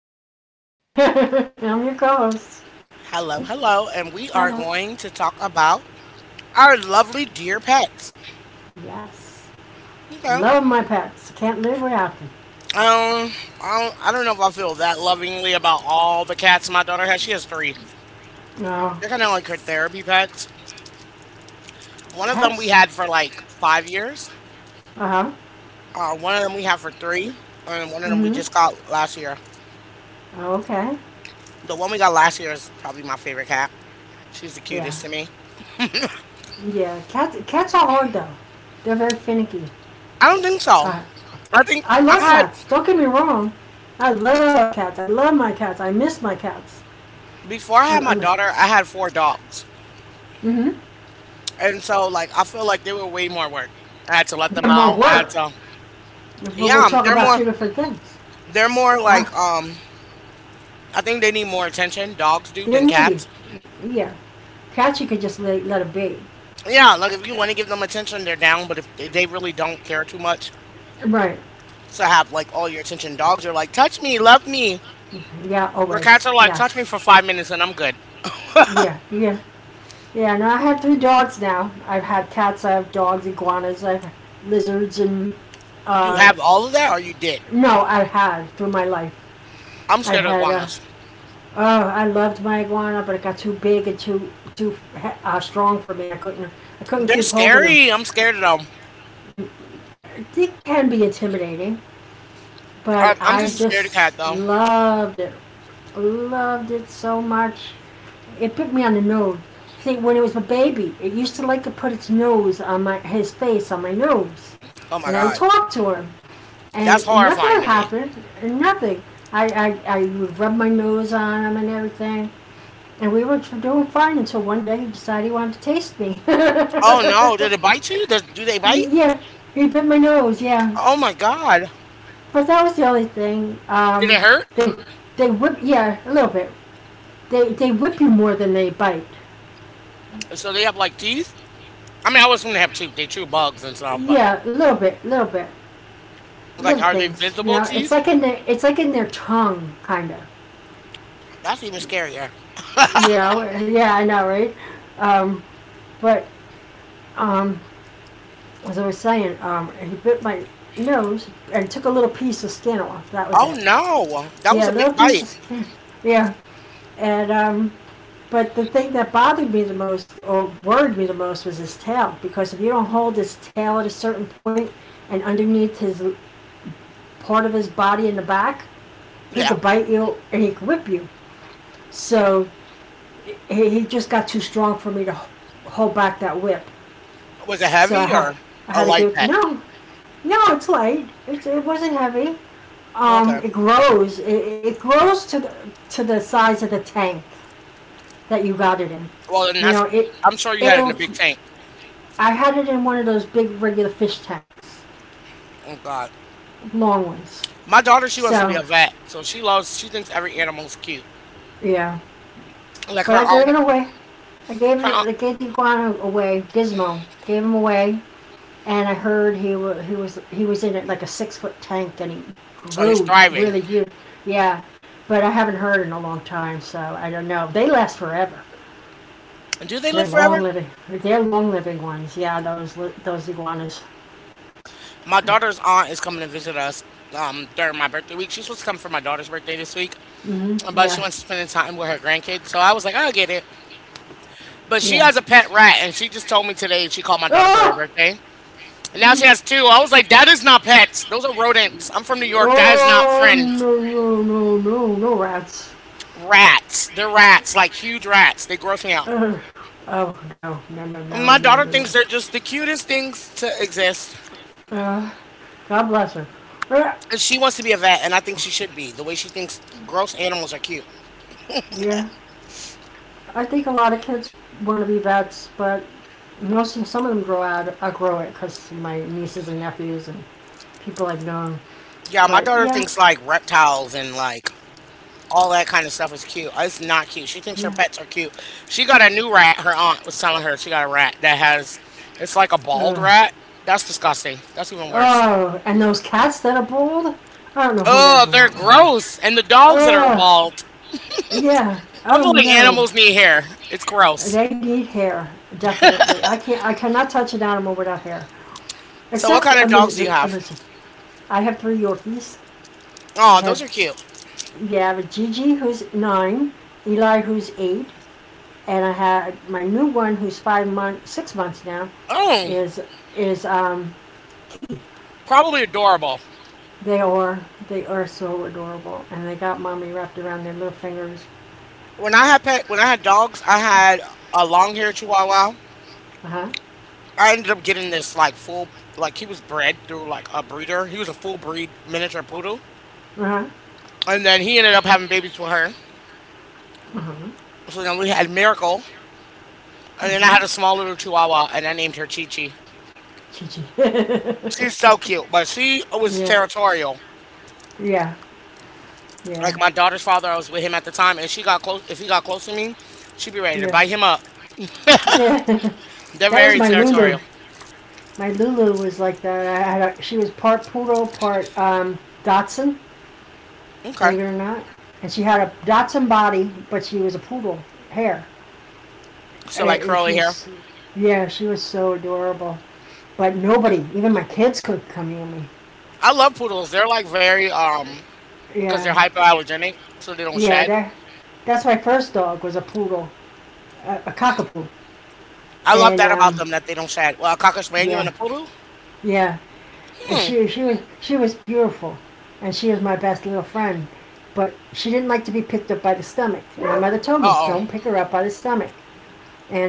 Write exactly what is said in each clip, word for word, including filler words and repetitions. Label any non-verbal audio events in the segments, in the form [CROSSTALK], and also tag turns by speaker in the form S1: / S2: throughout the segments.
S1: And
S2: host.
S1: Barbara Jean. [LAUGHS] I'm your co-host.
S2: Hello, hello, and we are
S1: Hello.
S2: going to talk about our lovely dear pets.
S1: Yes.
S2: Okay. Um,
S1: Love my pets. Can't live without them.
S2: I don't, I don't know if I feel that lovingly about all the cats my daughter has. She has three.
S1: No.
S2: They're kind of like her therapy pets. One of them we
S1: Pets?
S2: had for like five years.
S1: Uh huh.
S2: Uh, one of them we have for three, and one of them we
S1: Mm
S2: just got last year.
S1: hmm Okay.
S2: The one we got last year is probably my favorite cat. She's the
S1: Yeah.
S2: cutest to me.
S1: Hmm. Yeah. Cats, cats are hard though. They're very finicky.
S2: I don't think so.
S1: I,
S2: I think
S1: I love
S2: I
S1: cats. Don't get me wrong. I love cats. I love my cats. I miss my cats.
S2: Before I
S1: I,
S2: had my
S1: I,
S2: daughter, I had four dogs.
S1: mm-hmm.
S2: And so like I feel like they were way more work. I had to let them
S1: They're more
S2: out. I had
S1: work,
S2: to
S1: but
S2: Yeah,
S1: we'll
S2: um,
S1: talk
S2: they're
S1: about
S2: more
S1: two different things.
S2: they're more
S1: Ah,
S2: like um I think they need more attention, dogs do
S1: they're
S2: than
S1: needy.
S2: cats.
S1: Yeah. Cats you could just let, let it be.
S2: Yeah, like if you want to give them attention, they're down, but if they they really don't care too much
S1: Right.
S2: to have like all your attention, dogs are like, touch me, love me.
S1: Yeah,
S2: Where
S1: always.
S2: cats are like, touch
S1: Yes.
S2: me for five minutes and I'm good.
S1: Yeah, yeah, yeah. Now I have three dogs now. I've had cats, I have dogs, iguanas, I've lizards, and
S2: You
S1: uh,
S2: have all of that or you did.
S1: no, I've had through my life.
S2: I'm
S1: I've
S2: scared of
S1: had. Uh,
S2: iguanas.
S1: oh, I loved my iguana, but it got too big and too too uh, strong for me. I couldn't. I couldn't
S2: They're
S1: keep holding them.
S2: scary. I'm scared of them.
S1: It can be intimidating, but
S2: I, I'm
S1: I
S2: just scared of cat
S1: just
S2: though.
S1: loved it. Loved it so much. It bit me on the nose. See, when it was a baby, it used to like to put its nose on my his face on my nose,
S2: Oh my
S1: and I would
S2: god.
S1: talk to him, and
S2: That's
S1: nothing
S2: horrifying
S1: would
S2: to me.
S1: happen. Nothing. I I, I would rub my nose on him and everything, and we were doing fine until one day he decided he wanted to taste me. [LAUGHS]
S2: Oh no, did it bite you? Does, do they bite?
S1: Yeah, he bit my nose. Yeah,
S2: Oh my god.
S1: but that was the only thing.
S2: Did
S1: Um,
S2: it hurt?
S1: they they whip. Yeah, a little bit. They they whip you more than they bite.
S2: So they have like teeth? I mean, I was assume they have teeth. They chew bugs and stuff, but
S1: Yeah, a little bit, a little bit.
S2: like,
S1: Little
S2: are they
S1: things. You
S2: visible
S1: know, it's
S2: teeth?
S1: like in the, it's like in their tongue, kind of.
S2: That's even scarier.
S1: You know, yeah, I know, right? Um, but um, as I was saying, um, he bit my nose and took a little piece of skin off. That was
S2: Oh
S1: it.
S2: no, that was a
S1: Yeah, a
S2: big
S1: little
S2: bite.
S1: piece of skin. [LAUGHS] Yeah, and um, but the thing that bothered me the most or worried me the most was his tail because if you don't hold his tail at a certain point and underneath his part of his body in the back, he
S2: Yeah.
S1: could bite you and he could whip you. So he, just got too strong for me to hold back that whip.
S2: Was it
S1: So I
S2: heavy
S1: had
S2: or
S1: I
S2: a
S1: had to
S2: light
S1: give it.
S2: pet?
S1: No, no, it's light. It's, it wasn't heavy. Um,
S2: Okay.
S1: it grows. It, it grows to the to the size of the tank that you got it in.
S2: Well, then
S1: You know,
S2: that's,
S1: it
S2: I'm sure you had it
S1: it'll.
S2: in a big tank.
S1: I had it in one of those big regular fish tanks,
S2: Oh god.
S1: long ones.
S2: My daughter, she wants to be
S1: So
S2: a vet, so she loves, she thinks every animal's cute.
S1: yeah,
S2: Like
S1: but
S2: her
S1: I gave
S2: aunt,
S1: it away. I gave
S2: her
S1: it.
S2: aunt,
S1: I gave the iguana away. Gizmo gave him away. And I heard he was he was he was in it like a six foot tank, and he
S2: so he's
S1: grew
S2: thriving.
S1: really huge. Yeah, but I haven't heard in a long time, so I don't know. They last forever.
S2: And do they
S1: They're
S2: live forever?
S1: long living. They're long living ones. Yeah, those those iguanas.
S2: My daughter's aunt is coming to visit us um during my birthday week. She's supposed to come for my daughter's birthday this week, but she
S1: Yeah,
S2: wants to spend time with her grandkids. So I was like, I'll get it. But she
S1: yeah.
S2: has a pet rat, and she just told me today she called my daughter for her
S1: Oh,
S2: birthday. And now she has two. I was like, that is not pets. Those are rodents. I'm from New York. That is not
S1: oh,
S2: friends.
S1: no, no, no, no, no, no rats.
S2: Rats. They're rats, like huge rats. They gross me out.
S1: Ugh. Oh, no, no, no,
S2: And my
S1: no, no,
S2: daughter
S1: no,
S2: thinks
S1: no.
S2: they're just the cutest things to exist.
S1: Uh, God bless her. Uh,
S2: And she wants to be a vet, and I think she should be. The way she thinks gross animals are cute.
S1: yeah. I think a lot of kids want to be vets, but most of, some of them grow out I grow it because my nieces and nephews and people I've known.
S2: Yeah, my
S1: But
S2: daughter
S1: yeah,
S2: thinks like reptiles and like all that kind of stuff is cute. Oh, it's not cute. She thinks her
S1: yeah.
S2: pets are cute. She got a new rat. Her aunt was telling her she got a rat that has it's like a bald
S1: Ugh.
S2: rat. That's disgusting. That's even worse.
S1: Oh, and those cats that are bold. I don't know who that
S2: Oh, they're
S1: belongs.
S2: gross. And the dogs that are
S1: Oh,
S2: bald.
S1: yeah.
S2: I
S1: Oh
S2: feel like
S1: no.
S2: animals need hair. It's gross.
S1: They need hair, definitely. I can't. I cannot touch an animal without hair.
S2: So what
S1: Except
S2: kind of
S1: a
S2: dogs do you
S1: lizard. A
S2: have?
S1: lizard. I have three Yorkies. I
S2: Oh, those
S1: have
S2: are cute.
S1: Yeah, I have Gigi who's nine, Eli who's eight, and I had my newborn, who's five months, six months now,
S2: Oh,
S1: is is um, Kiki.
S2: probably adorable.
S1: They are they are so adorable, and they got mommy wrapped around their little fingers.
S2: When I had pet when I had dogs, I had a long haired chihuahua.
S1: Uh huh.
S2: I ended up getting this like full, like he was bred through like a breeder. He was a full breed miniature poodle,
S1: Uh huh.
S2: and then he ended up having babies with her.
S1: Uh huh.
S2: So then we had Miracle, and then I had
S1: Mhm.
S2: a small little Chihuahua, and I named her Chi Chi.
S1: Chichi. [LAUGHS]
S2: She's so cute, but she was
S1: Yeah.
S2: territorial.
S1: Yeah. Yeah.
S2: Like my daughter's father, I was with him at the time, and she got close. If he got close to me, she'd be ready to
S1: Yeah.
S2: bite him up.
S1: Yeah. [LAUGHS]
S2: They're
S1: That was
S2: very
S1: my Lulu.
S2: territorial.
S1: My Lulu was like that. I had a, she was part poodle, part um, Dotson,
S2: Okay,
S1: believe it or not, and she had a Dotson body, but she was a poodle hair.
S2: so like
S1: Uh, she
S2: curly hair.
S1: was, yeah, she was so adorable. But nobody, even my kids, could come near me.
S2: I love poodles. They're like very um because they're
S1: Yeah,
S2: hypoallergenic, so they don't
S1: yeah.
S2: shed.
S1: That that's my first dog was a poodle, a, a cockapoo,
S2: I love
S1: and
S2: that about
S1: um,
S2: them that they don't sag. Well, a cocker spaniel and a
S1: yeah,
S2: poodle.
S1: yeah. And
S2: Hmm.
S1: she she was she was beautiful, and she was my best little friend. But she didn't like to be picked up by the stomach. And my mother told
S2: Uh
S1: me,
S2: oh.
S1: don't pick her up by the stomach.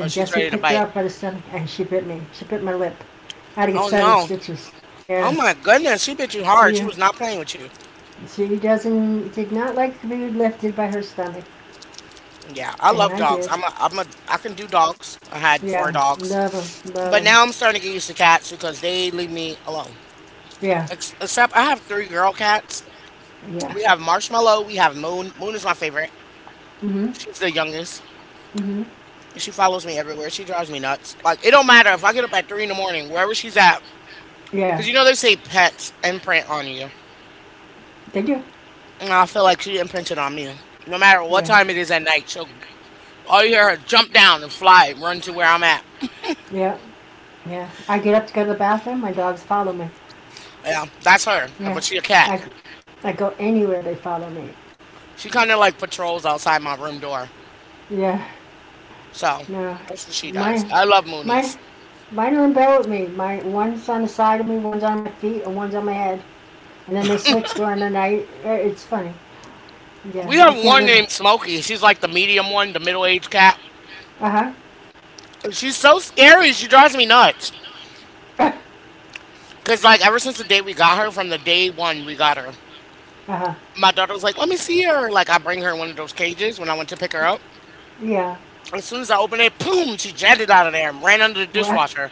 S2: Oh, she's
S1: guess who
S2: ready to
S1: picked her
S2: bite.
S1: up by the stomach? And she bit me. She bit my lip. I had to get
S2: Oh
S1: seven
S2: no.
S1: stitches.
S2: Oh
S1: Yeah,
S2: my goodness. She bit you hard. She
S1: yeah.
S2: was not playing with you.
S1: She doesn't did not like to be lifted by her stomach,
S2: Yeah, I
S1: and
S2: love
S1: I
S2: dogs.
S1: did.
S2: I'm a, I'm a, I can do dogs. I had four
S1: Yeah, love
S2: dogs,
S1: them, love
S2: but
S1: them.
S2: now I'm starting to get used to cats because they leave me alone.
S1: Yeah,
S2: Ex- except I have three girl cats.
S1: yeah.
S2: We have Marshmallow. We have Moon. Moon is my favorite.
S1: Mhm,
S2: She's the youngest.
S1: mhm.
S2: She follows me everywhere. She drives me nuts. Like it don't matter if I get up at three in the morning, wherever she's at, because
S1: Yeah,
S2: you know they say pets imprint on you.
S1: they do.
S2: And I feel like she imprinted on me. No matter what
S1: Yeah,
S2: time it is at night, she'll all you hear her jump down and fly, and run to where I'm at.
S1: yeah, yeah. I get up to go to the bathroom. My dogs follow me.
S2: Yeah, that's her. But
S1: Yeah,
S2: she a cat.
S1: I, I go anywhere they follow me.
S2: She kind of like patrols outside my room door.
S1: Yeah,
S2: So
S1: no,
S2: that's what she does.
S1: my
S2: I love
S1: my
S2: Moonies.
S1: mine are in bed with me. My one's on the side of me, one's on my feet, and one's on my head. And then they switch during the night. Uh, It's funny.
S2: We
S1: Yeah, I
S2: have
S1: can't
S2: one
S1: live.
S2: named Smokey. She's like the medium one, the middle aged cat.
S1: Uh huh.
S2: And she's so scary. She drives me nuts.
S1: [LAUGHS] Uh,
S2: Cause like ever since the day we got her, from the day one we got her,
S1: uh,
S2: my daughter was like, "Let me see her." Like I bring her in one of those cages when I went to pick her up.
S1: yeah,
S2: As soon as I opened it, boom, she jetted out of there and ran under the
S1: well,
S2: dishwasher.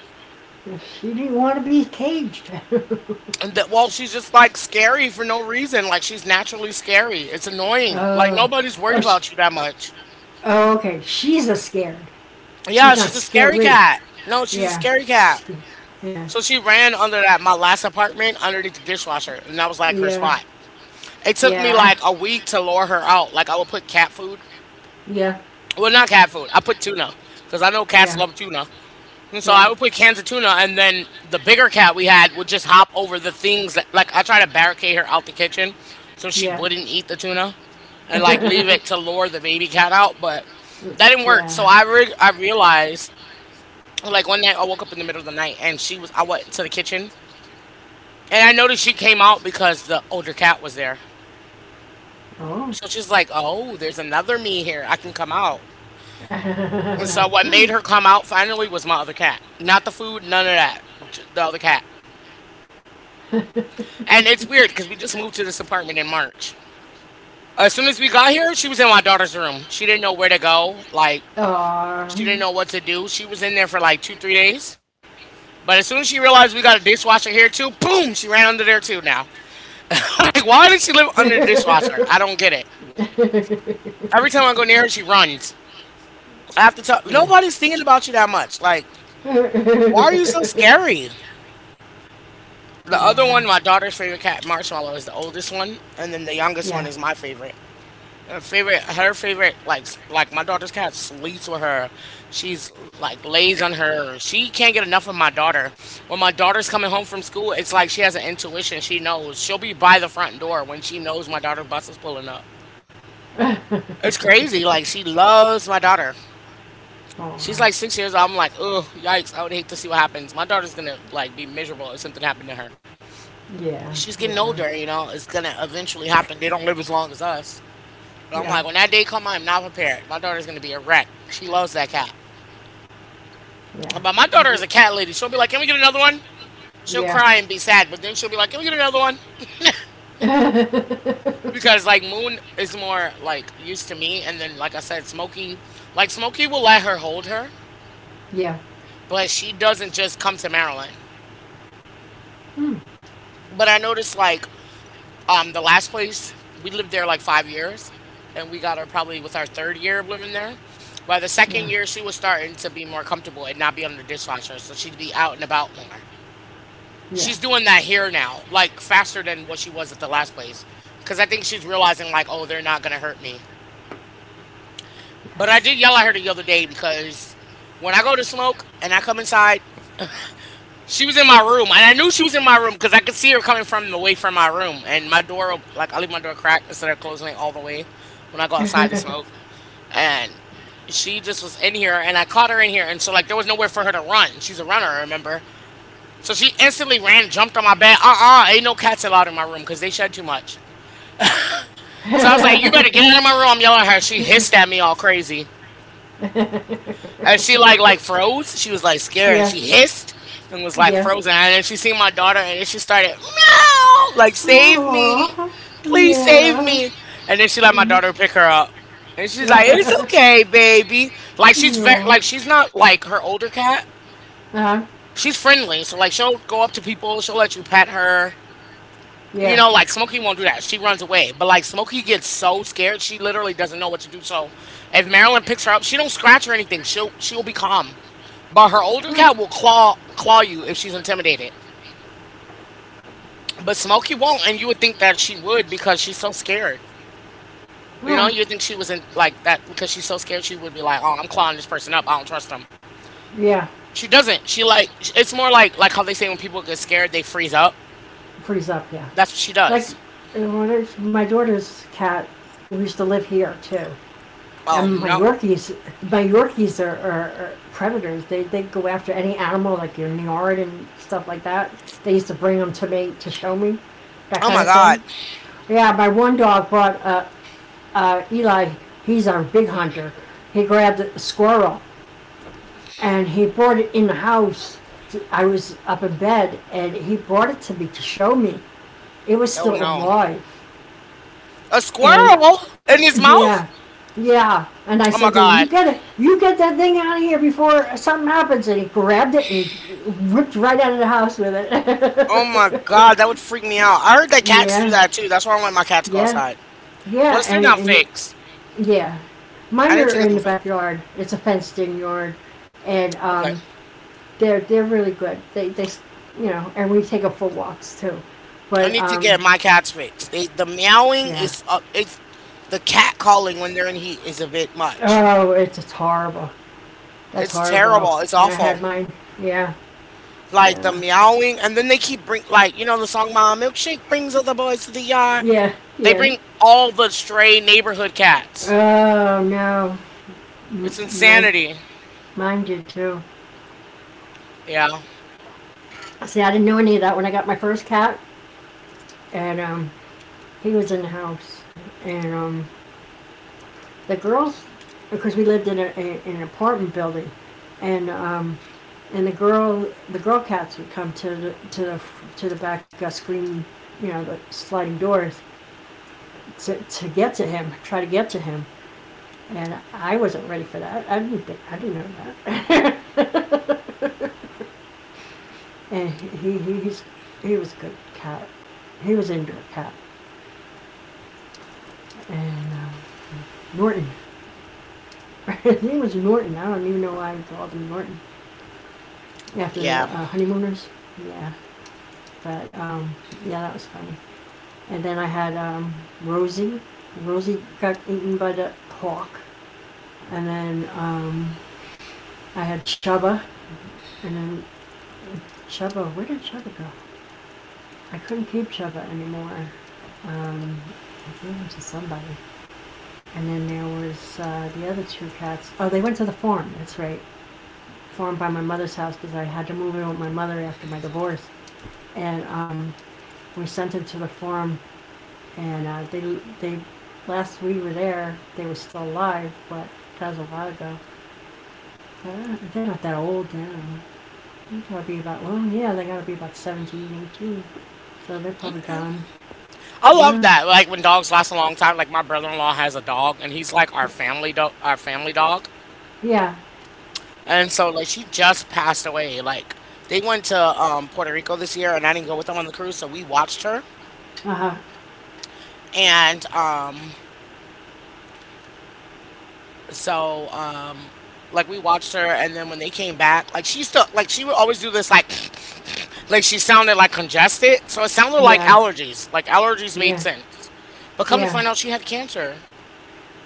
S1: she didn't want to be caged. [LAUGHS]
S2: And that, well, she's just like scary for no reason. Like she's naturally scary. It's annoying. Like
S1: Oh,
S2: nobody's worried
S1: oh, sh
S2: about you that much.
S1: oh, okay. She's a scared.
S2: Yeah,
S1: She's
S2: she's
S1: not
S2: a scary
S1: scary.
S2: cat. No, she's a
S1: Yeah,
S2: scary cat.
S1: yeah,
S2: So she ran under that my last apartment underneath the dishwasher, and that was like her
S1: yeah,
S2: spot. It took me
S1: yeah,
S2: like a week to lure her out. Like I would put cat food.
S1: yeah.
S2: Well, not cat food. I put tuna because I know
S1: Yeah. Yeah. So I would be.
S2: cats love tuna. And so I would put cans of tuna, and then the bigger cat we had would just hop over the things that, like, I try to barricade her out the kitchen so she wouldn't eat the tuna and, like, leave it to lure the baby cat out, but that didn't work. So
S1: Yeah.
S2: I, re- I
S1: [LAUGHS]
S2: realized, like, one night I woke up in the middle of the night and she was, I went into the kitchen and I noticed she came out because the older cat was there.
S1: And,
S2: So she's like, oh, there's another me here. I can come out.
S1: like we went to the mental
S2: And so
S1: health
S2: what made her come
S1: community,
S2: out finally was my other cat. Not the food, none of that. j- The other
S1: I
S2: cat.
S1: re- I realize.
S2: And it's weird because we just moved to this apartment in March. As soon as we got here, she was in my daughter's room. She didn't know where to go. Like,
S1: Oh. [LAUGHS]
S2: she didn't know
S1: Aw.
S2: what to do. She was in there for like two, three days. But as soon as she realized we got a dishwasher here too, boom, she ran under there too now. [LAUGHS] Like, why did she live under the dishwasher? I don't get it.
S1: [LAUGHS] [LAUGHS]
S2: Every time I go near her, she runs. I have to tell
S1: yeah.
S2: nobody's thinking about you that much. Like,
S1: [LAUGHS]
S2: why are you so scary? The other
S1: yeah.
S2: one, my daughter's favorite cat, Marshmallow, is the oldest one, and then the youngest
S1: Yeah.
S2: one is my favorite. Her favorite, her favorite, like like my daughter's cat sleeps with her. She's like lays on her. She can't get enough of my daughter. When my daughter's coming home from school, it's like she has an intuition. She knows she'll be by the front door when she knows my daughter's bus is pulling up.
S1: [LAUGHS]
S2: It's
S1: oh,
S2: crazy. Like she loves my daughter. She's like six years old. I'm like, ugh, yikes! I would hate to see what happens. My daughter's gonna like be miserable if something happened to her.
S1: yeah,
S2: She's getting
S1: yeah,
S2: older. You know, it's gonna eventually happen. They don't live as long as us. But I'm
S1: yeah,
S2: like, when that day comes, I'm not prepared. My daughter's gonna be a wreck. She loves that cat.
S1: yeah,
S2: But my daughter is a cat lady. She'll be like, "Can we get another one?" She'll
S1: yeah,
S2: cry and be sad, but then she'll be like, "Can we get another one?"
S1: [LAUGHS]
S2: Because like Moon is more like used to me, and then like I said, Smokey, like Smokey will let her hold her,
S1: yeah,
S2: but she doesn't just come to Maryland.
S1: mm,
S2: But I noticed like Um, the last place we lived there like five years, and we got her probably with our third year of living there. By the second
S1: yeah,
S2: year, she was starting to be more comfortable and not be under the dishwasher, so she'd be out and about more.
S1: yeah,
S2: She's doing that here now, like faster than what she was at the last place, because I think she's realizing like, oh, they're not gonna hurt me. But I
S1: yes.
S2: did yell at her the other day because when I go to smoke and I come inside. She was in my room, and I knew she was in my room because I could see her coming from away from my room. And my door, op- like I leave my door cracked instead of closing it all the way when I go outside to smoke. And she just was in here, and I caught her in here, and so like there was nowhere for her to run. She's a runner, remember? So she instantly ran, jumped on my bed. Uh uh ain't no cats allowed in my room because they shed too much. So I was like, you better get out of my room. I'm yelling at her. She hissed at me all crazy. And she like like froze. She was like
S1: [LAUGHS]
S2: scared and
S1: yeah,
S2: she hissed and was like
S1: yeah.
S2: frozen. And then she seen my daughter and then she started meow like save me,
S1: Aww,
S2: please save
S1: yeah.
S2: me. And then she let my
S1: Mm.
S2: daughter pick her up. And she's like, "It's okay, baby."
S1: [LAUGHS]
S2: Like she's very
S1: yeah.
S2: like she's not like her older cat.
S1: Uh-huh,
S2: She's friendly, so like she'll go up to people. She'll let you pet her. You
S1: yeah.
S2: know, like Smokey won't do that. She runs away. But like Smokey gets so scared, she literally doesn't know what to do. So if Marilyn picks her up, she don't scratch or anything. She'll she'll be calm. But her older
S1: Huh.
S2: cat will claw claw you if she's intimidated. But Smokey won't, and you would think that she would because she's so scared. You know,
S1: Ah,
S2: you think she was in like that because she's so scared. She would be like, "Oh, I'm clawing this person up. I don't trust them."
S1: yeah,
S2: She doesn't. She like it's more like like how they say when people get scared they freeze up.
S1: freeze up. Yeah,
S2: That's what she
S1: like
S2: does.
S1: uh, my daughter's cat. We used to live here too,
S2: Oh
S1: and my
S2: no!
S1: Yorkies, my Yorkies are, are, are predators. They they go after any animal like your yard and stuff like that. They used to bring them to me to show me, that
S2: Oh
S1: kind
S2: my
S1: of
S2: God!
S1: thing. Yeah, my one dog brought uh, uh, Eli. He's our big hunter. He grabbed a squirrel and he brought it in the house. To, I was up in bed and he brought it to me to show me. It was
S2: Oh
S1: still
S2: no!
S1: alive.
S2: A
S1: And
S2: squirrel in his mouth?
S1: yeah, yeah. And I
S2: Oh my
S1: said to him, "You
S2: God!
S1: get it. You get that thing out of here before something happens." And he grabbed it and he ripped right out of the house with
S2: Oh my
S1: it.
S2: God! That would freak me out. I heard
S1: [LAUGHS]
S2: that cats do
S1: Yeah,
S2: that too. That's why I don't let my cats go
S1: yeah,
S2: outside.
S1: yeah.
S2: Plus, they're
S1: And
S2: not fakes.
S1: and yeah, mine
S2: I need to
S1: are
S2: get
S1: in
S2: them
S1: the
S2: fakes.
S1: backyard. It's a fenced-in yard, and
S2: Okay.
S1: um, they're they're really good. They they you know, and we take them for walks too.
S2: I
S1: But
S2: need to
S1: um,
S2: get my cats fixed. They the meowing
S1: yeah.
S2: is uh, it's the cat calling when they're in heat is a bit much.
S1: Oh, it's it's horrible. That's
S2: It's
S1: horrible.
S2: terrible. It's
S1: When I
S2: awful.
S1: had mine, yeah.
S2: Like the
S1: Yeah,
S2: meowing, and then they keep bring like you know the song "My Milkshake" brings all the boys to the yard.
S1: yeah,
S2: They
S1: yeah.
S2: bring all the stray neighborhood cats.
S1: Oh no, M-
S2: It's
S1: my
S2: insanity.
S1: mine did too.
S2: Yeah.
S1: See, I didn't know any of that when I got my first cat, and um, he was in the house, and um, the girls, because we lived in a, a in an apartment building, and um, and the girl the girl cats would come to the to the to the back uh, screen, you know, the sliding doors to to get to him, try to get to him, and I wasn't ready for that. I didn't think, I didn't know that. [LAUGHS] And he, he he's he was a good cat. He was into a cat and uh, Norton. [LAUGHS] His name was Norton. I don't even know why I called him Norton after the
S2: Yeah.
S1: uh, honeymooners. Yeah, but um, yeah, that was funny. And then I had um, Rosie. Rosie got eaten by the hawk, and then um, I had Chubba, and then Chubba. Where did Chubba go? I couldn't keep Chubba anymore. Um, I gave him to somebody. And then there was uh, the other two cats. Oh, they went to the farm. That's right, farm by my mother's house because I had to move in with my mother after my divorce. And um, we sent them to the farm, and uh, they they last we were there, they were still alive, but that was a while ago. Uh, They're not that old now. They gotta be about well, yeah, they gotta be about seventeen, eighteen. So they're probably gone.
S2: I love
S1: Yeah,
S2: that. Like when dogs last a long time, like my brother-in-law has a dog and he's like our family dog, our family dog.
S1: yeah,
S2: And so like she just passed away. Like they went to um Puerto Rico this year and I didn't go with them on the cruise, so we watched her.
S1: uh huh,
S2: And um so um like we watched her and then when they came back, like she still like she would always do this like [SNIFFS] like she sounded like congested. So it sounded like
S1: yeah,
S2: allergies. Like allergies made
S1: yeah,
S2: sense. But come to
S1: yeah.
S2: find out she had cancer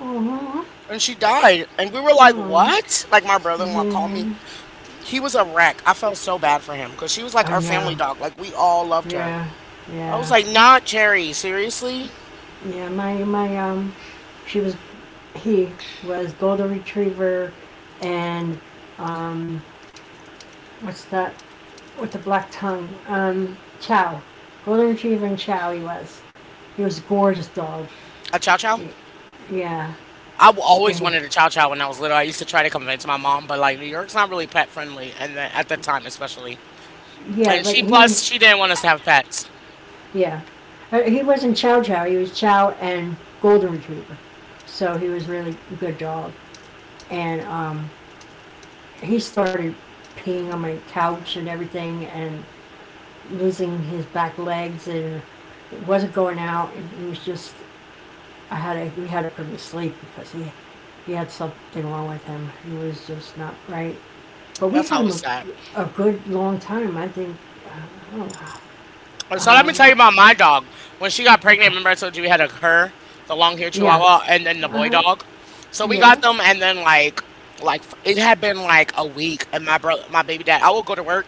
S1: Oh,
S2: and she died. And we were like,
S1: oh,
S2: what? Like my brother in law called me.
S1: yeah.
S2: He was a wreck. I felt so bad for him because she was like
S1: I
S2: our family
S1: know.
S2: dog. Like we all loved her.
S1: Yeah,
S2: I was
S1: yeah,
S2: like, not Cherry. Seriously?
S1: yeah. My my um, She was he was golden retriever, and um, what's that with the black tongue? Um, Chow, golden retriever and Chow. He was. He was a gorgeous dog.
S2: A chow chow?
S1: Yeah,
S2: I w- always
S1: and
S2: wanted a chow chow when I was little. I used to try to convince my mom, but like New York's not really pet friendly, and then at the time especially.
S1: yeah,
S2: And
S1: but
S2: she
S1: he
S2: plus she didn't want us to have pets.
S1: yeah, Uh, he wasn't Chow Chow. He was Chow and golden retriever. So he was really a good dog, and um, he started peeing on my couch and everything and losing his back legs and it wasn't going out. It was just, I had a, we had to put him to sleep because he, he had something wrong with him. He was just not right. But we
S2: That's
S1: had him
S2: always
S1: a,
S2: sad.
S1: a good long time. I think, uh, oh,
S2: And So let me tell you
S1: um,
S2: about my dog. When she got pregnant,
S1: okay.
S2: remember I told you we had a her, the long hair
S1: Yeah.
S2: Chihuahua, and then the
S1: Uh
S2: boy
S1: huh.
S2: dog. So we
S1: Yeah.
S2: got them, and then like like f- it had been like a week, and my brother, my baby dad, I would go to work.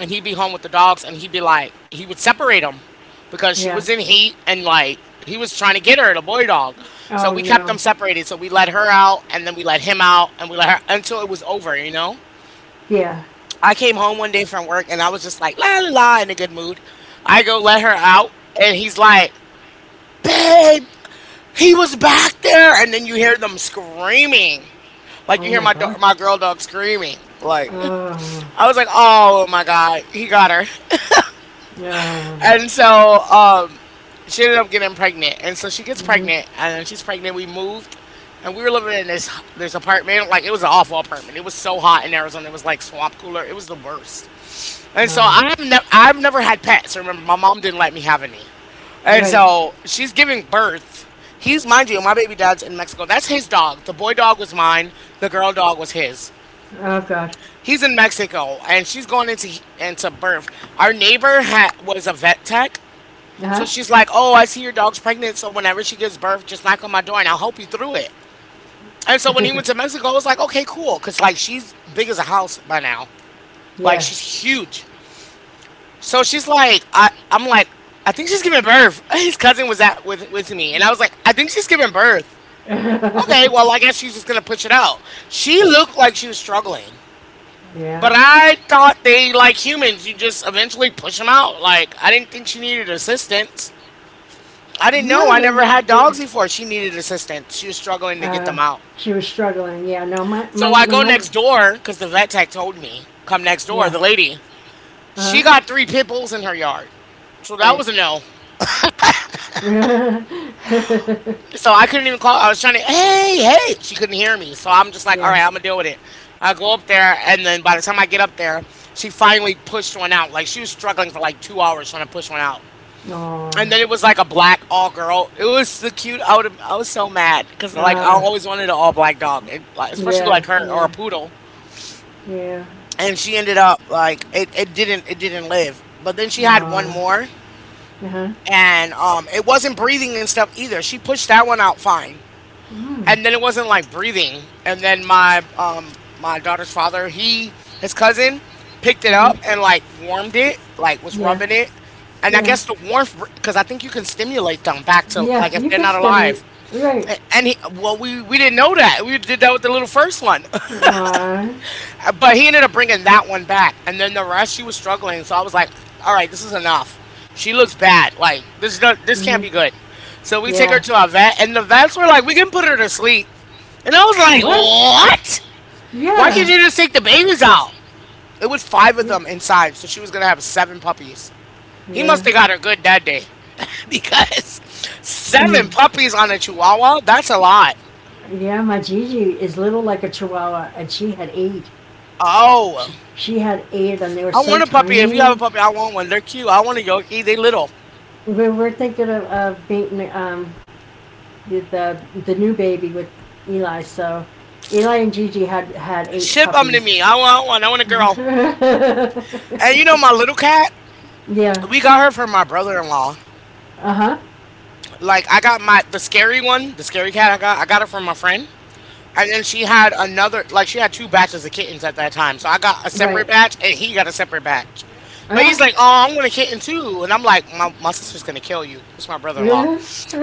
S2: And he'd be home with the dogs and he'd be like he would separate them because she
S1: Yeah.
S2: was in heat and like he was trying to get her the boy dog. So
S1: Oh
S2: we kept them
S1: no.
S2: separated, so we let her out and then we let him out and we let her until it was over you know
S1: Yeah.
S2: I came home one day from work and I was just like la la la in a good mood. I go let her out and he's like, babe, he was back there and then you hear them screaming, like you
S1: Oh
S2: hear
S1: my
S2: my do-
S1: God.
S2: my girl dog screaming like
S1: Oh.
S2: [LAUGHS] I was like, oh my God, he got her.
S1: Yeah. Uh,
S2: And so um, she ended up getting pregnant. And so she gets
S1: Mm-hmm.
S2: pregnant, and then she's pregnant. We moved, and we were living in this this apartment. Like it was an awful apartment. It was so hot in Arizona. It was like swamp cooler. It was the worst. And so
S1: Oh.
S2: I've never I've never had pets. Remember, my mom didn't let me have any. And
S1: Right.
S2: so she's giving birth. He's mind you, my baby dad's in Mexico. That's his dog. The boy dog was mine. The girl dog was his.
S1: Oh God.
S2: He's in Mexico, and she's going into into birth. Our neighbor had was a vet tech,
S1: Uh
S2: so
S1: huh.
S2: she's like, oh, I see your dog's pregnant. So whenever she gives birth, just knock on my door and I'll help you through it. And so when he went to Mexico, I was like, okay, cool. Cause like she's big as a house by now. Like
S1: Yeah.
S2: she's huge. So she's like, I, I'm like, I think she's giving birth. [LAUGHS] His cousin was at with with me. And I was like, I think she's giving birth.
S1: [LAUGHS]
S2: Okay, well, I guess she's just gonna push it out. She looked like she was struggling. But
S1: yeah.
S2: I thought they like humans, you just eventually push them out. Like I didn't think she needed assistance. I didn't know.
S1: No,
S2: I never
S1: the,
S2: had
S1: the
S2: dogs before. She needed assistance. She was struggling to get
S1: uh,
S2: them out.
S1: she was struggling. Yeah. No, my my
S2: So I go
S1: my,
S2: next door because the vet tech told me come next door.
S1: yeah.
S2: The lady,
S1: Uh
S2: she
S1: huh.
S2: got three pit bulls in her yard. So that
S1: Right.
S2: was a no.
S1: [LAUGHS]
S2: So I couldn't even call. I was trying to, hey, hey. She couldn't hear me. So I'm just like, all
S1: yeah.
S2: right, I'm going to deal with it. I go up there. And then by the time I get up there, she finally pushed one out. Like she was struggling for like two hours trying to push one out.
S1: Oh.
S2: And then it was like a black all girl. It was the cute. I would I was so mad because like I
S1: Uh.
S2: always wanted an all black dog, and like especially
S1: Yeah.
S2: like her or a
S1: Yeah.
S2: poodle.
S1: Yeah.
S2: And she ended up like it, it didn't it didn't live. But then she had one
S1: Uh.
S2: more,
S1: Uh huh.
S2: and um, it wasn't breathing and stuff either. She pushed that one out fine
S1: Mm.
S2: and then it wasn't like breathing. And then my um my daughter's father, he his cousin picked it up
S1: Mm-hmm.
S2: and like warmed it, like was
S1: Yeah.
S2: rubbing it. And I
S1: Yeah.
S2: guess the warmth, because I think you can stimulate them back to like
S1: Yeah.
S2: if
S1: You
S2: they're
S1: could
S2: not alive.
S1: stimulate. Right.
S2: And he, well, we we didn't know that. We did that with the little first one,
S1: Uh.
S2: [LAUGHS] but he ended up bringing that one back. And then the rest, she was struggling. So I was like, all right, this is enough. She looks bad. Like this, is not, this can't be
S1: Mm-hmm.
S2: good. So we take her
S1: Yeah.
S2: to our vet, and the vets were like, we can put her to sleep. And I was like,
S1: What?
S2: what? Why can't
S1: Yeah.
S2: you just take the babies out? It was five of
S1: Yeah.
S2: them inside, so she was gonna have seven puppies. He
S1: Yeah.
S2: must have got her good that day. [LAUGHS] Because
S1: Um,
S2: seven puppies on a chihuahua, that's a lot.
S1: yeah. My Gigi is little like a chihuahua, and she had eight.
S2: Oh,
S1: She, she had eight of them. They were
S2: I
S1: so
S2: want a puppy. If you have a
S1: tiny.
S2: puppy, I want one. They're cute. I want a Yorkie. They little.
S1: We were thinking of, of being um, the, the new baby with Eli. So Eli and Gigi had had eight
S2: Ship them to
S1: puppies.
S2: me. I want one. I
S1: [LAUGHS]
S2: want a girl.
S1: yeah.
S2: And you know my little cat? We got her from my brother-in-law.
S1: Uh huh.
S2: Like I got my the scary one, the scary cat I got. I got her from my friend. And then she had another, like she had two batches of kittens at that time. So I got a
S1: Right.
S2: separate batch and he got a separate batch. But he's like,
S1: [LAUGHS]
S2: oh, I'm gonna kitten too. And I'm like, my, my sister's gonna kill you. This is my brother-in-law.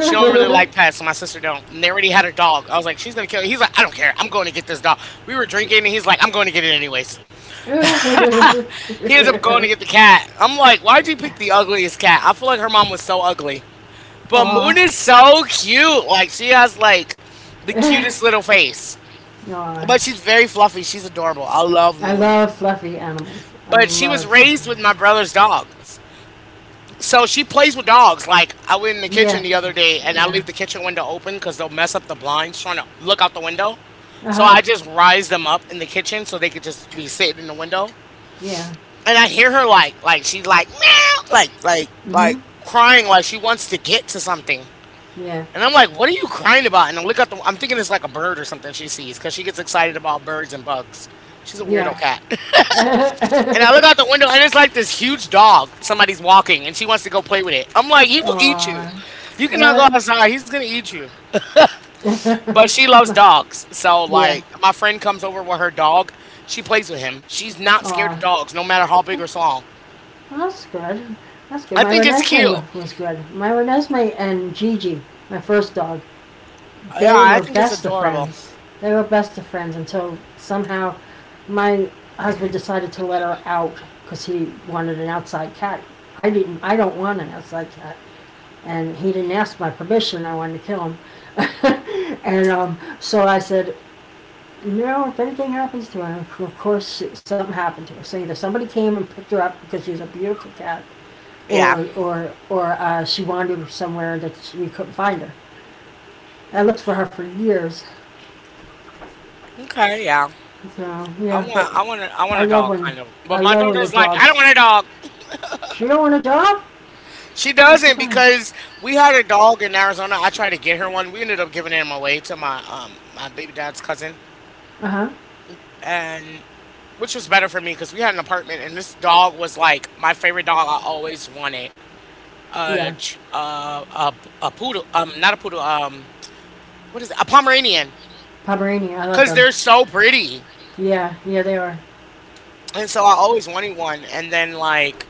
S2: She don't really like pets, so my sister don't. And they already had a dog. I was like, she's gonna kill you. He's like, I don't care. I'm going to get this dog. We were drinking and he's like, I'm going to get it anyways. He ends up going to get the cat. I'm like, why'd you pick the ugliest cat? I feel like her mom was so ugly. But
S1: Ah.
S2: Moon is so cute. Like she has like the cutest
S1: Aw.
S2: little face.
S1: No,
S2: But she's very fluffy. She's adorable. I love
S1: I
S2: Moon.
S1: love fluffy animals. I
S2: But she was
S1: love.
S2: raised with
S1: Fluffy.
S2: my brother's dogs. So she plays with dogs. Like I went in the
S1: Yeah.
S2: kitchen the other day and I
S1: Yeah.
S2: leave the kitchen window open because they'll mess up the blinds trying to look out the window.
S1: Uh
S2: So
S1: huh.
S2: I just rise them up in the kitchen so they could just be sitting in the window.
S1: Yeah.
S2: And I hear her like like she's like meow like like like
S1: Mhm.
S2: crying like she wants to get to something.
S1: Yeah.
S2: And I'm like, what are you crying about? And I look out the I'm thinking it's like a bird or something she sees because she gets excited about birds and bugs. She's a weirdo
S1: Yeah.
S2: cat. [LAUGHS] And I look out the
S1: [LAUGHS]
S2: window, and it's like this huge dog somebody's walking, and she wants to go play with it. I'm like, he will eat you.
S1: Oh,
S2: You cannot go
S1: Uh,
S2: outside. He's gonna eat you.
S1: [LAUGHS]
S2: But she loves dogs, so
S1: yeah.
S2: like my friend comes over with her dog. She plays with him. She's not scared of
S1: Oh,
S2: dogs, no matter how big or small.
S1: that's good. That's good.
S2: I
S1: My
S2: think it's
S1: Renesmee
S2: cute.
S1: was good. My Renesmee and Gigi, my first dog,
S2: Yeah,
S1: they
S2: I
S1: were
S2: think it's
S1: best of
S2: adorable.
S1: friends. They were best of friends until somehow my husband decided to let her out because he wanted an outside cat. I didn't. I don't want an outside cat, and he didn't ask my permission. I wanted to kill him, [LAUGHS] and um, so I said, you know, if anything happens to her, of course something happened to her. So either somebody came and picked her up because she was a beautiful cat,
S2: Yeah.
S1: or or or uh, she wandered somewhere that she, we couldn't find her. I looked for her for years.
S2: Okay. Yeah.
S1: So
S2: I
S1: yeah, but
S2: want. I want. A, I want
S1: I
S2: a
S1: love
S2: dog,
S1: when
S2: kind of. But
S1: I
S2: my
S1: love when the
S2: daughter's like, I don't
S1: dogs.
S2: want a dog.
S1: She don't want a dog.
S2: She
S1: I'm
S2: doesn't
S1: surprised.
S2: because we had a dog in Arizona. I tried to get her one. We ended up giving him away to my um my baby dad's cousin,
S1: Uh huh.
S2: and which was better for me because we had an apartment, and this dog was like my favorite dog. I always wanted a
S1: Yeah,
S2: ch- uh, a a poodle. Um, not a poodle. Um, what is it? A Pomeranian
S1: Pomeranian. I love
S2: because
S1: them.
S2: they're so pretty,
S1: Yeah, yeah, they are.
S2: and so I always wanted one. And then like.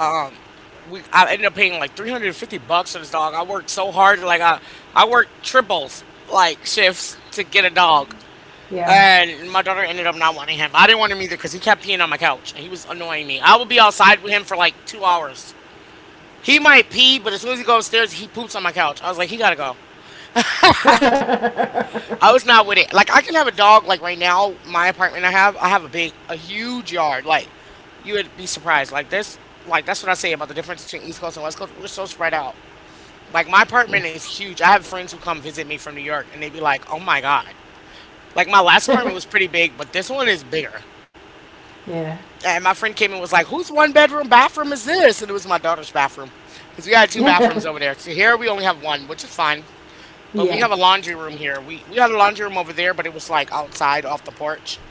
S2: Um, we I ended up paying like three hundred fifty bucks for this dog. I worked so hard, like I I worked triples like shifts to get a dog.
S1: Yeah.
S2: And my daughter ended up not wanting him. I didn't want him either because he kept peeing on my couch. He was annoying me. I would be outside with him for like two hours. He might pee, but as soon as he goes upstairs, he poops on my couch. I was like, he gotta go.
S1: [LAUGHS]
S2: I
S1: yeah.
S2: was not with it. Like I can have a dog. Like right now, my apartment I have, I have a big, a huge yard. Like you would be surprised. Like this, like that's what I say about the difference between East Coast and West Coast. We're so spread out. Like my apartment is huge. I have friends who come visit me from New York and they be like, "Oh my God." Like my last apartment was pretty big, but this one is bigger.
S1: Yeah.
S2: And my friend came and was like, "Whose one bedroom bathroom is this?" And it was my daughter's bathroom cuz we had two
S1: Yeah.
S2: bathrooms over there. So here we only have one, which is fine. But we
S1: Yeah.
S2: have a laundry room here. We we had a laundry room over there, but it was like outside off the porch.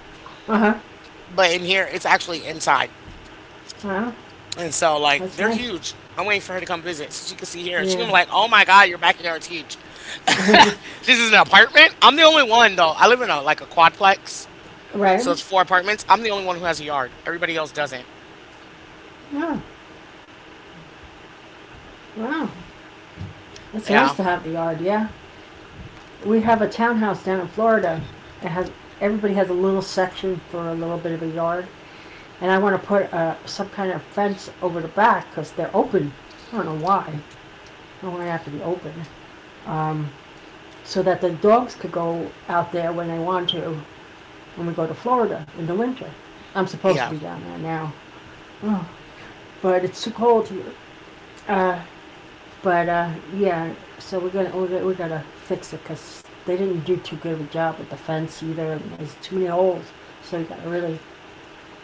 S1: Uh huh.
S2: But in here, it's actually inside.
S1: Wow,
S2: And so like
S1: that's
S2: they're
S1: nice.
S2: huge. I'm waiting for her to come visit so she can see here. She gonna
S1: Yeah.
S2: be like, "Oh my God, your backyard's huge." This is an apartment. I'm the only one though. I live in a like a quadplex,
S1: Right.
S2: so it's four apartments. I'm the only one who has a yard. Everybody else doesn't.
S1: Yeah. Wow, it's nice
S2: Yeah,
S1: to have the yard. Yeah, we have a townhouse down in Florida. It has Everybody has a little section for a little bit of a yard, and I want to put uh, some kind of fence over the back because they're open. I don't know why. I don't want to have to be open, um, so that the dogs could go out there when they want to when we go to Florida in the winter. I'm supposed to
S2: yeah,
S1: be down there now, oh, but it's too cold here. Uh, But uh, yeah, so we're gonna we're, we're gonna- we are going to we are going to we to fix it because they didn't do too good of a job with the fence either, and there's too many holes. So we gotta really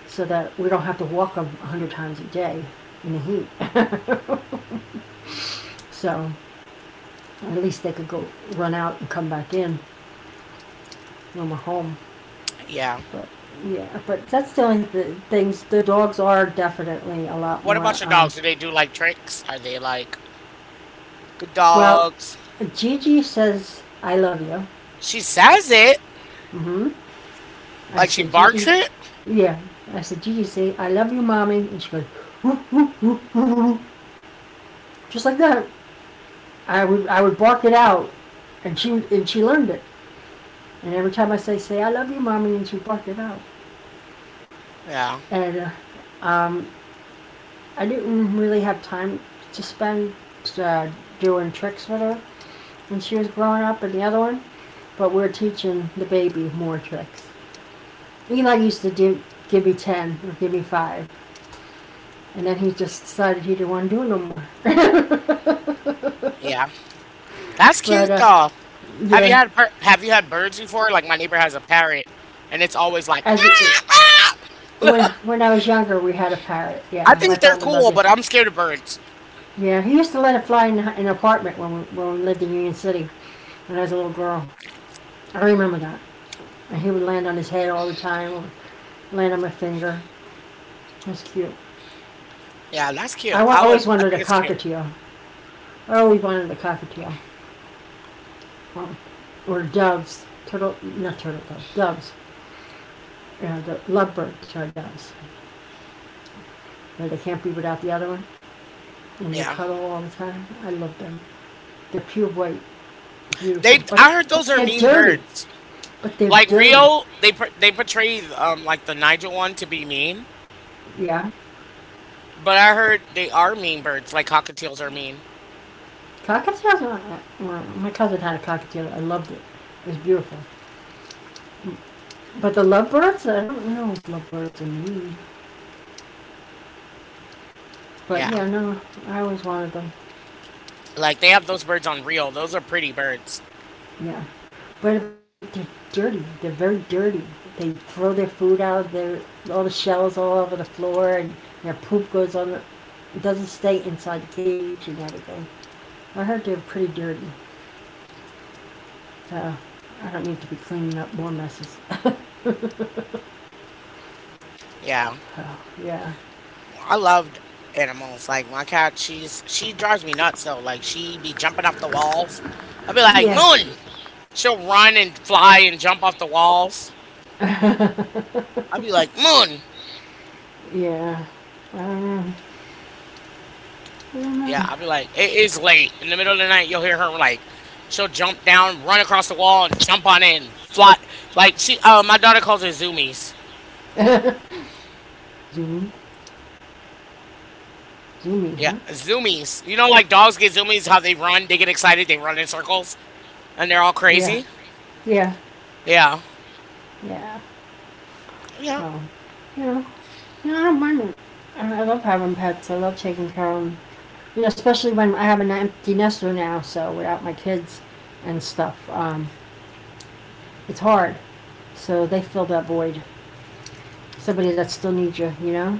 S1: so that we don't have to walk them a hundred times a day in the heat. So at least they could go run out and come back in when we're home.
S2: yeah.
S1: But yeah, but that's the only th- things. The dogs are definitely a lot
S2: What
S1: more.
S2: about your
S1: Um,
S2: dogs? Do they do like tricks? Are they like good
S1: well,
S2: dogs?
S1: Gigi says I love you.
S2: She says it.
S1: hmm I
S2: Like she
S1: say,
S2: barks
S1: Gigi,
S2: it.
S1: yeah. I said, Gigi, say, I love you, mommy. And she goes, "Boo," just like that. I would, I would bark it out, and she, and she learned it. And every time I say, say, I love you, mommy, and she would bark it out.
S2: Yeah,
S1: And uh, um, I didn't really have time to spend uh, doing tricks with her when she was growing up, and the other one. But we're teaching the baby more tricks. Eli used to do, give me ten or give me five, and then he just decided he didn't want to do it no more.
S2: yeah. That's cute
S1: But uh,
S2: though. Have you
S1: yeah,
S2: had per- have you had birds before? Like my neighbor has a parrot, and it's always like.
S1: as
S2: [LAUGHS]
S1: it,
S2: "Ah,
S1: When
S2: ah."
S1: when I was younger, we had a parrot.
S2: I
S1: Yeah, my
S2: think they're
S1: father loved
S2: cool,
S1: it.
S2: but I'm scared of birds.
S1: Yeah, he used to let it fly in, in an apartment when we, when we lived in Union City when I was a little girl. I remember that. And he would land on his head all the time, or land on my finger. It was cute.
S2: Yeah, that's cute.
S1: I wa-
S2: I would.
S1: always
S2: I
S1: wanted a
S2: think it's cute.
S1: cockatiel. I always wanted a cockatiel. Um, or doves. Turtle, not turtle dove, doves. Yeah, the lovebirds are doves. Where they can't be without the other one. And they
S2: Yeah.
S1: cuddle all the time. I love them. They're pure white,
S2: They,
S1: beautiful. But
S2: I heard those
S1: but
S2: are
S1: they're
S2: mean
S1: dirty.
S2: birds.
S1: But they're
S2: Like
S1: dirty.
S2: Rio, they por- they portray um like the Nigel one to be mean,
S1: Yeah.
S2: but I heard they are mean birds. Like cockatiels are mean.
S1: Cockatiels, uh, uh, my cousin had a cockatiel. I loved it. It was beautiful. But the lovebirds, I don't know if lovebirds are mean. But
S2: Yeah,
S1: yeah, no, I always wanted them.
S2: like they have those birds on Rio. Those are pretty birds.
S1: Yeah. But but they're, they're dirty. They're very dirty. They throw their food out. Their All the shells all over the floor, and their poop goes on. the- It doesn't stay inside the cage and everything. I heard they're pretty dirty. Uh, I don't need to be cleaning up more messes.
S2: Yeah,
S1: Oh, yeah.
S2: I loved animals. Like my cat, she's she drives me nuts though. Like she be jumping off the walls. I'd be like
S1: Yeah.
S2: Moon. She'll run and fly and jump off the walls. I'd be like Moon.
S1: Yeah.
S2: Yeah, I'll be like, it is late. In the middle of the night, you'll hear her like, she'll jump down, run across the wall, and jump on it and fly. Like she, uh, my daughter calls it zoomies.
S1: [LAUGHS] Zoomy, Zoomy,
S2: Yeah,
S1: huh?
S2: zoomies. You know, like dogs get zoomies, how they run, they get excited, they run in circles, and they're all
S1: Yeah,
S2: crazy.
S1: yeah,
S2: Yeah,
S1: yeah.
S2: yeah,
S1: Oh. You know, you know, I don't mind it. I I love having pets. I love taking care of them. You know, especially when I have an empty nester now, so without my kids and stuff, um, it's hard. So they fill that void. Somebody that still needs you, you know?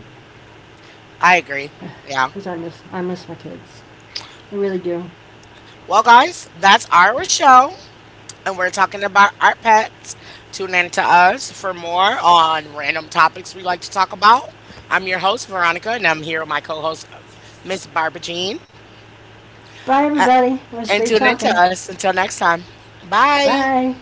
S2: I agree. Yeah.
S1: Because I miss, I miss my kids. I really do.
S2: Well, guys, that's our show. And we're talking about our pets. Tune in to us for more on random topics we like to talk about. I'm your host, Veronica, and I'm here with my co host, Miss Barbara Jean.
S1: Bye,
S2: Uh,
S1: everybody. It was
S2: and
S1: great
S2: tune in to
S1: talking.
S2: us. Until next time. Bye.
S1: Bye.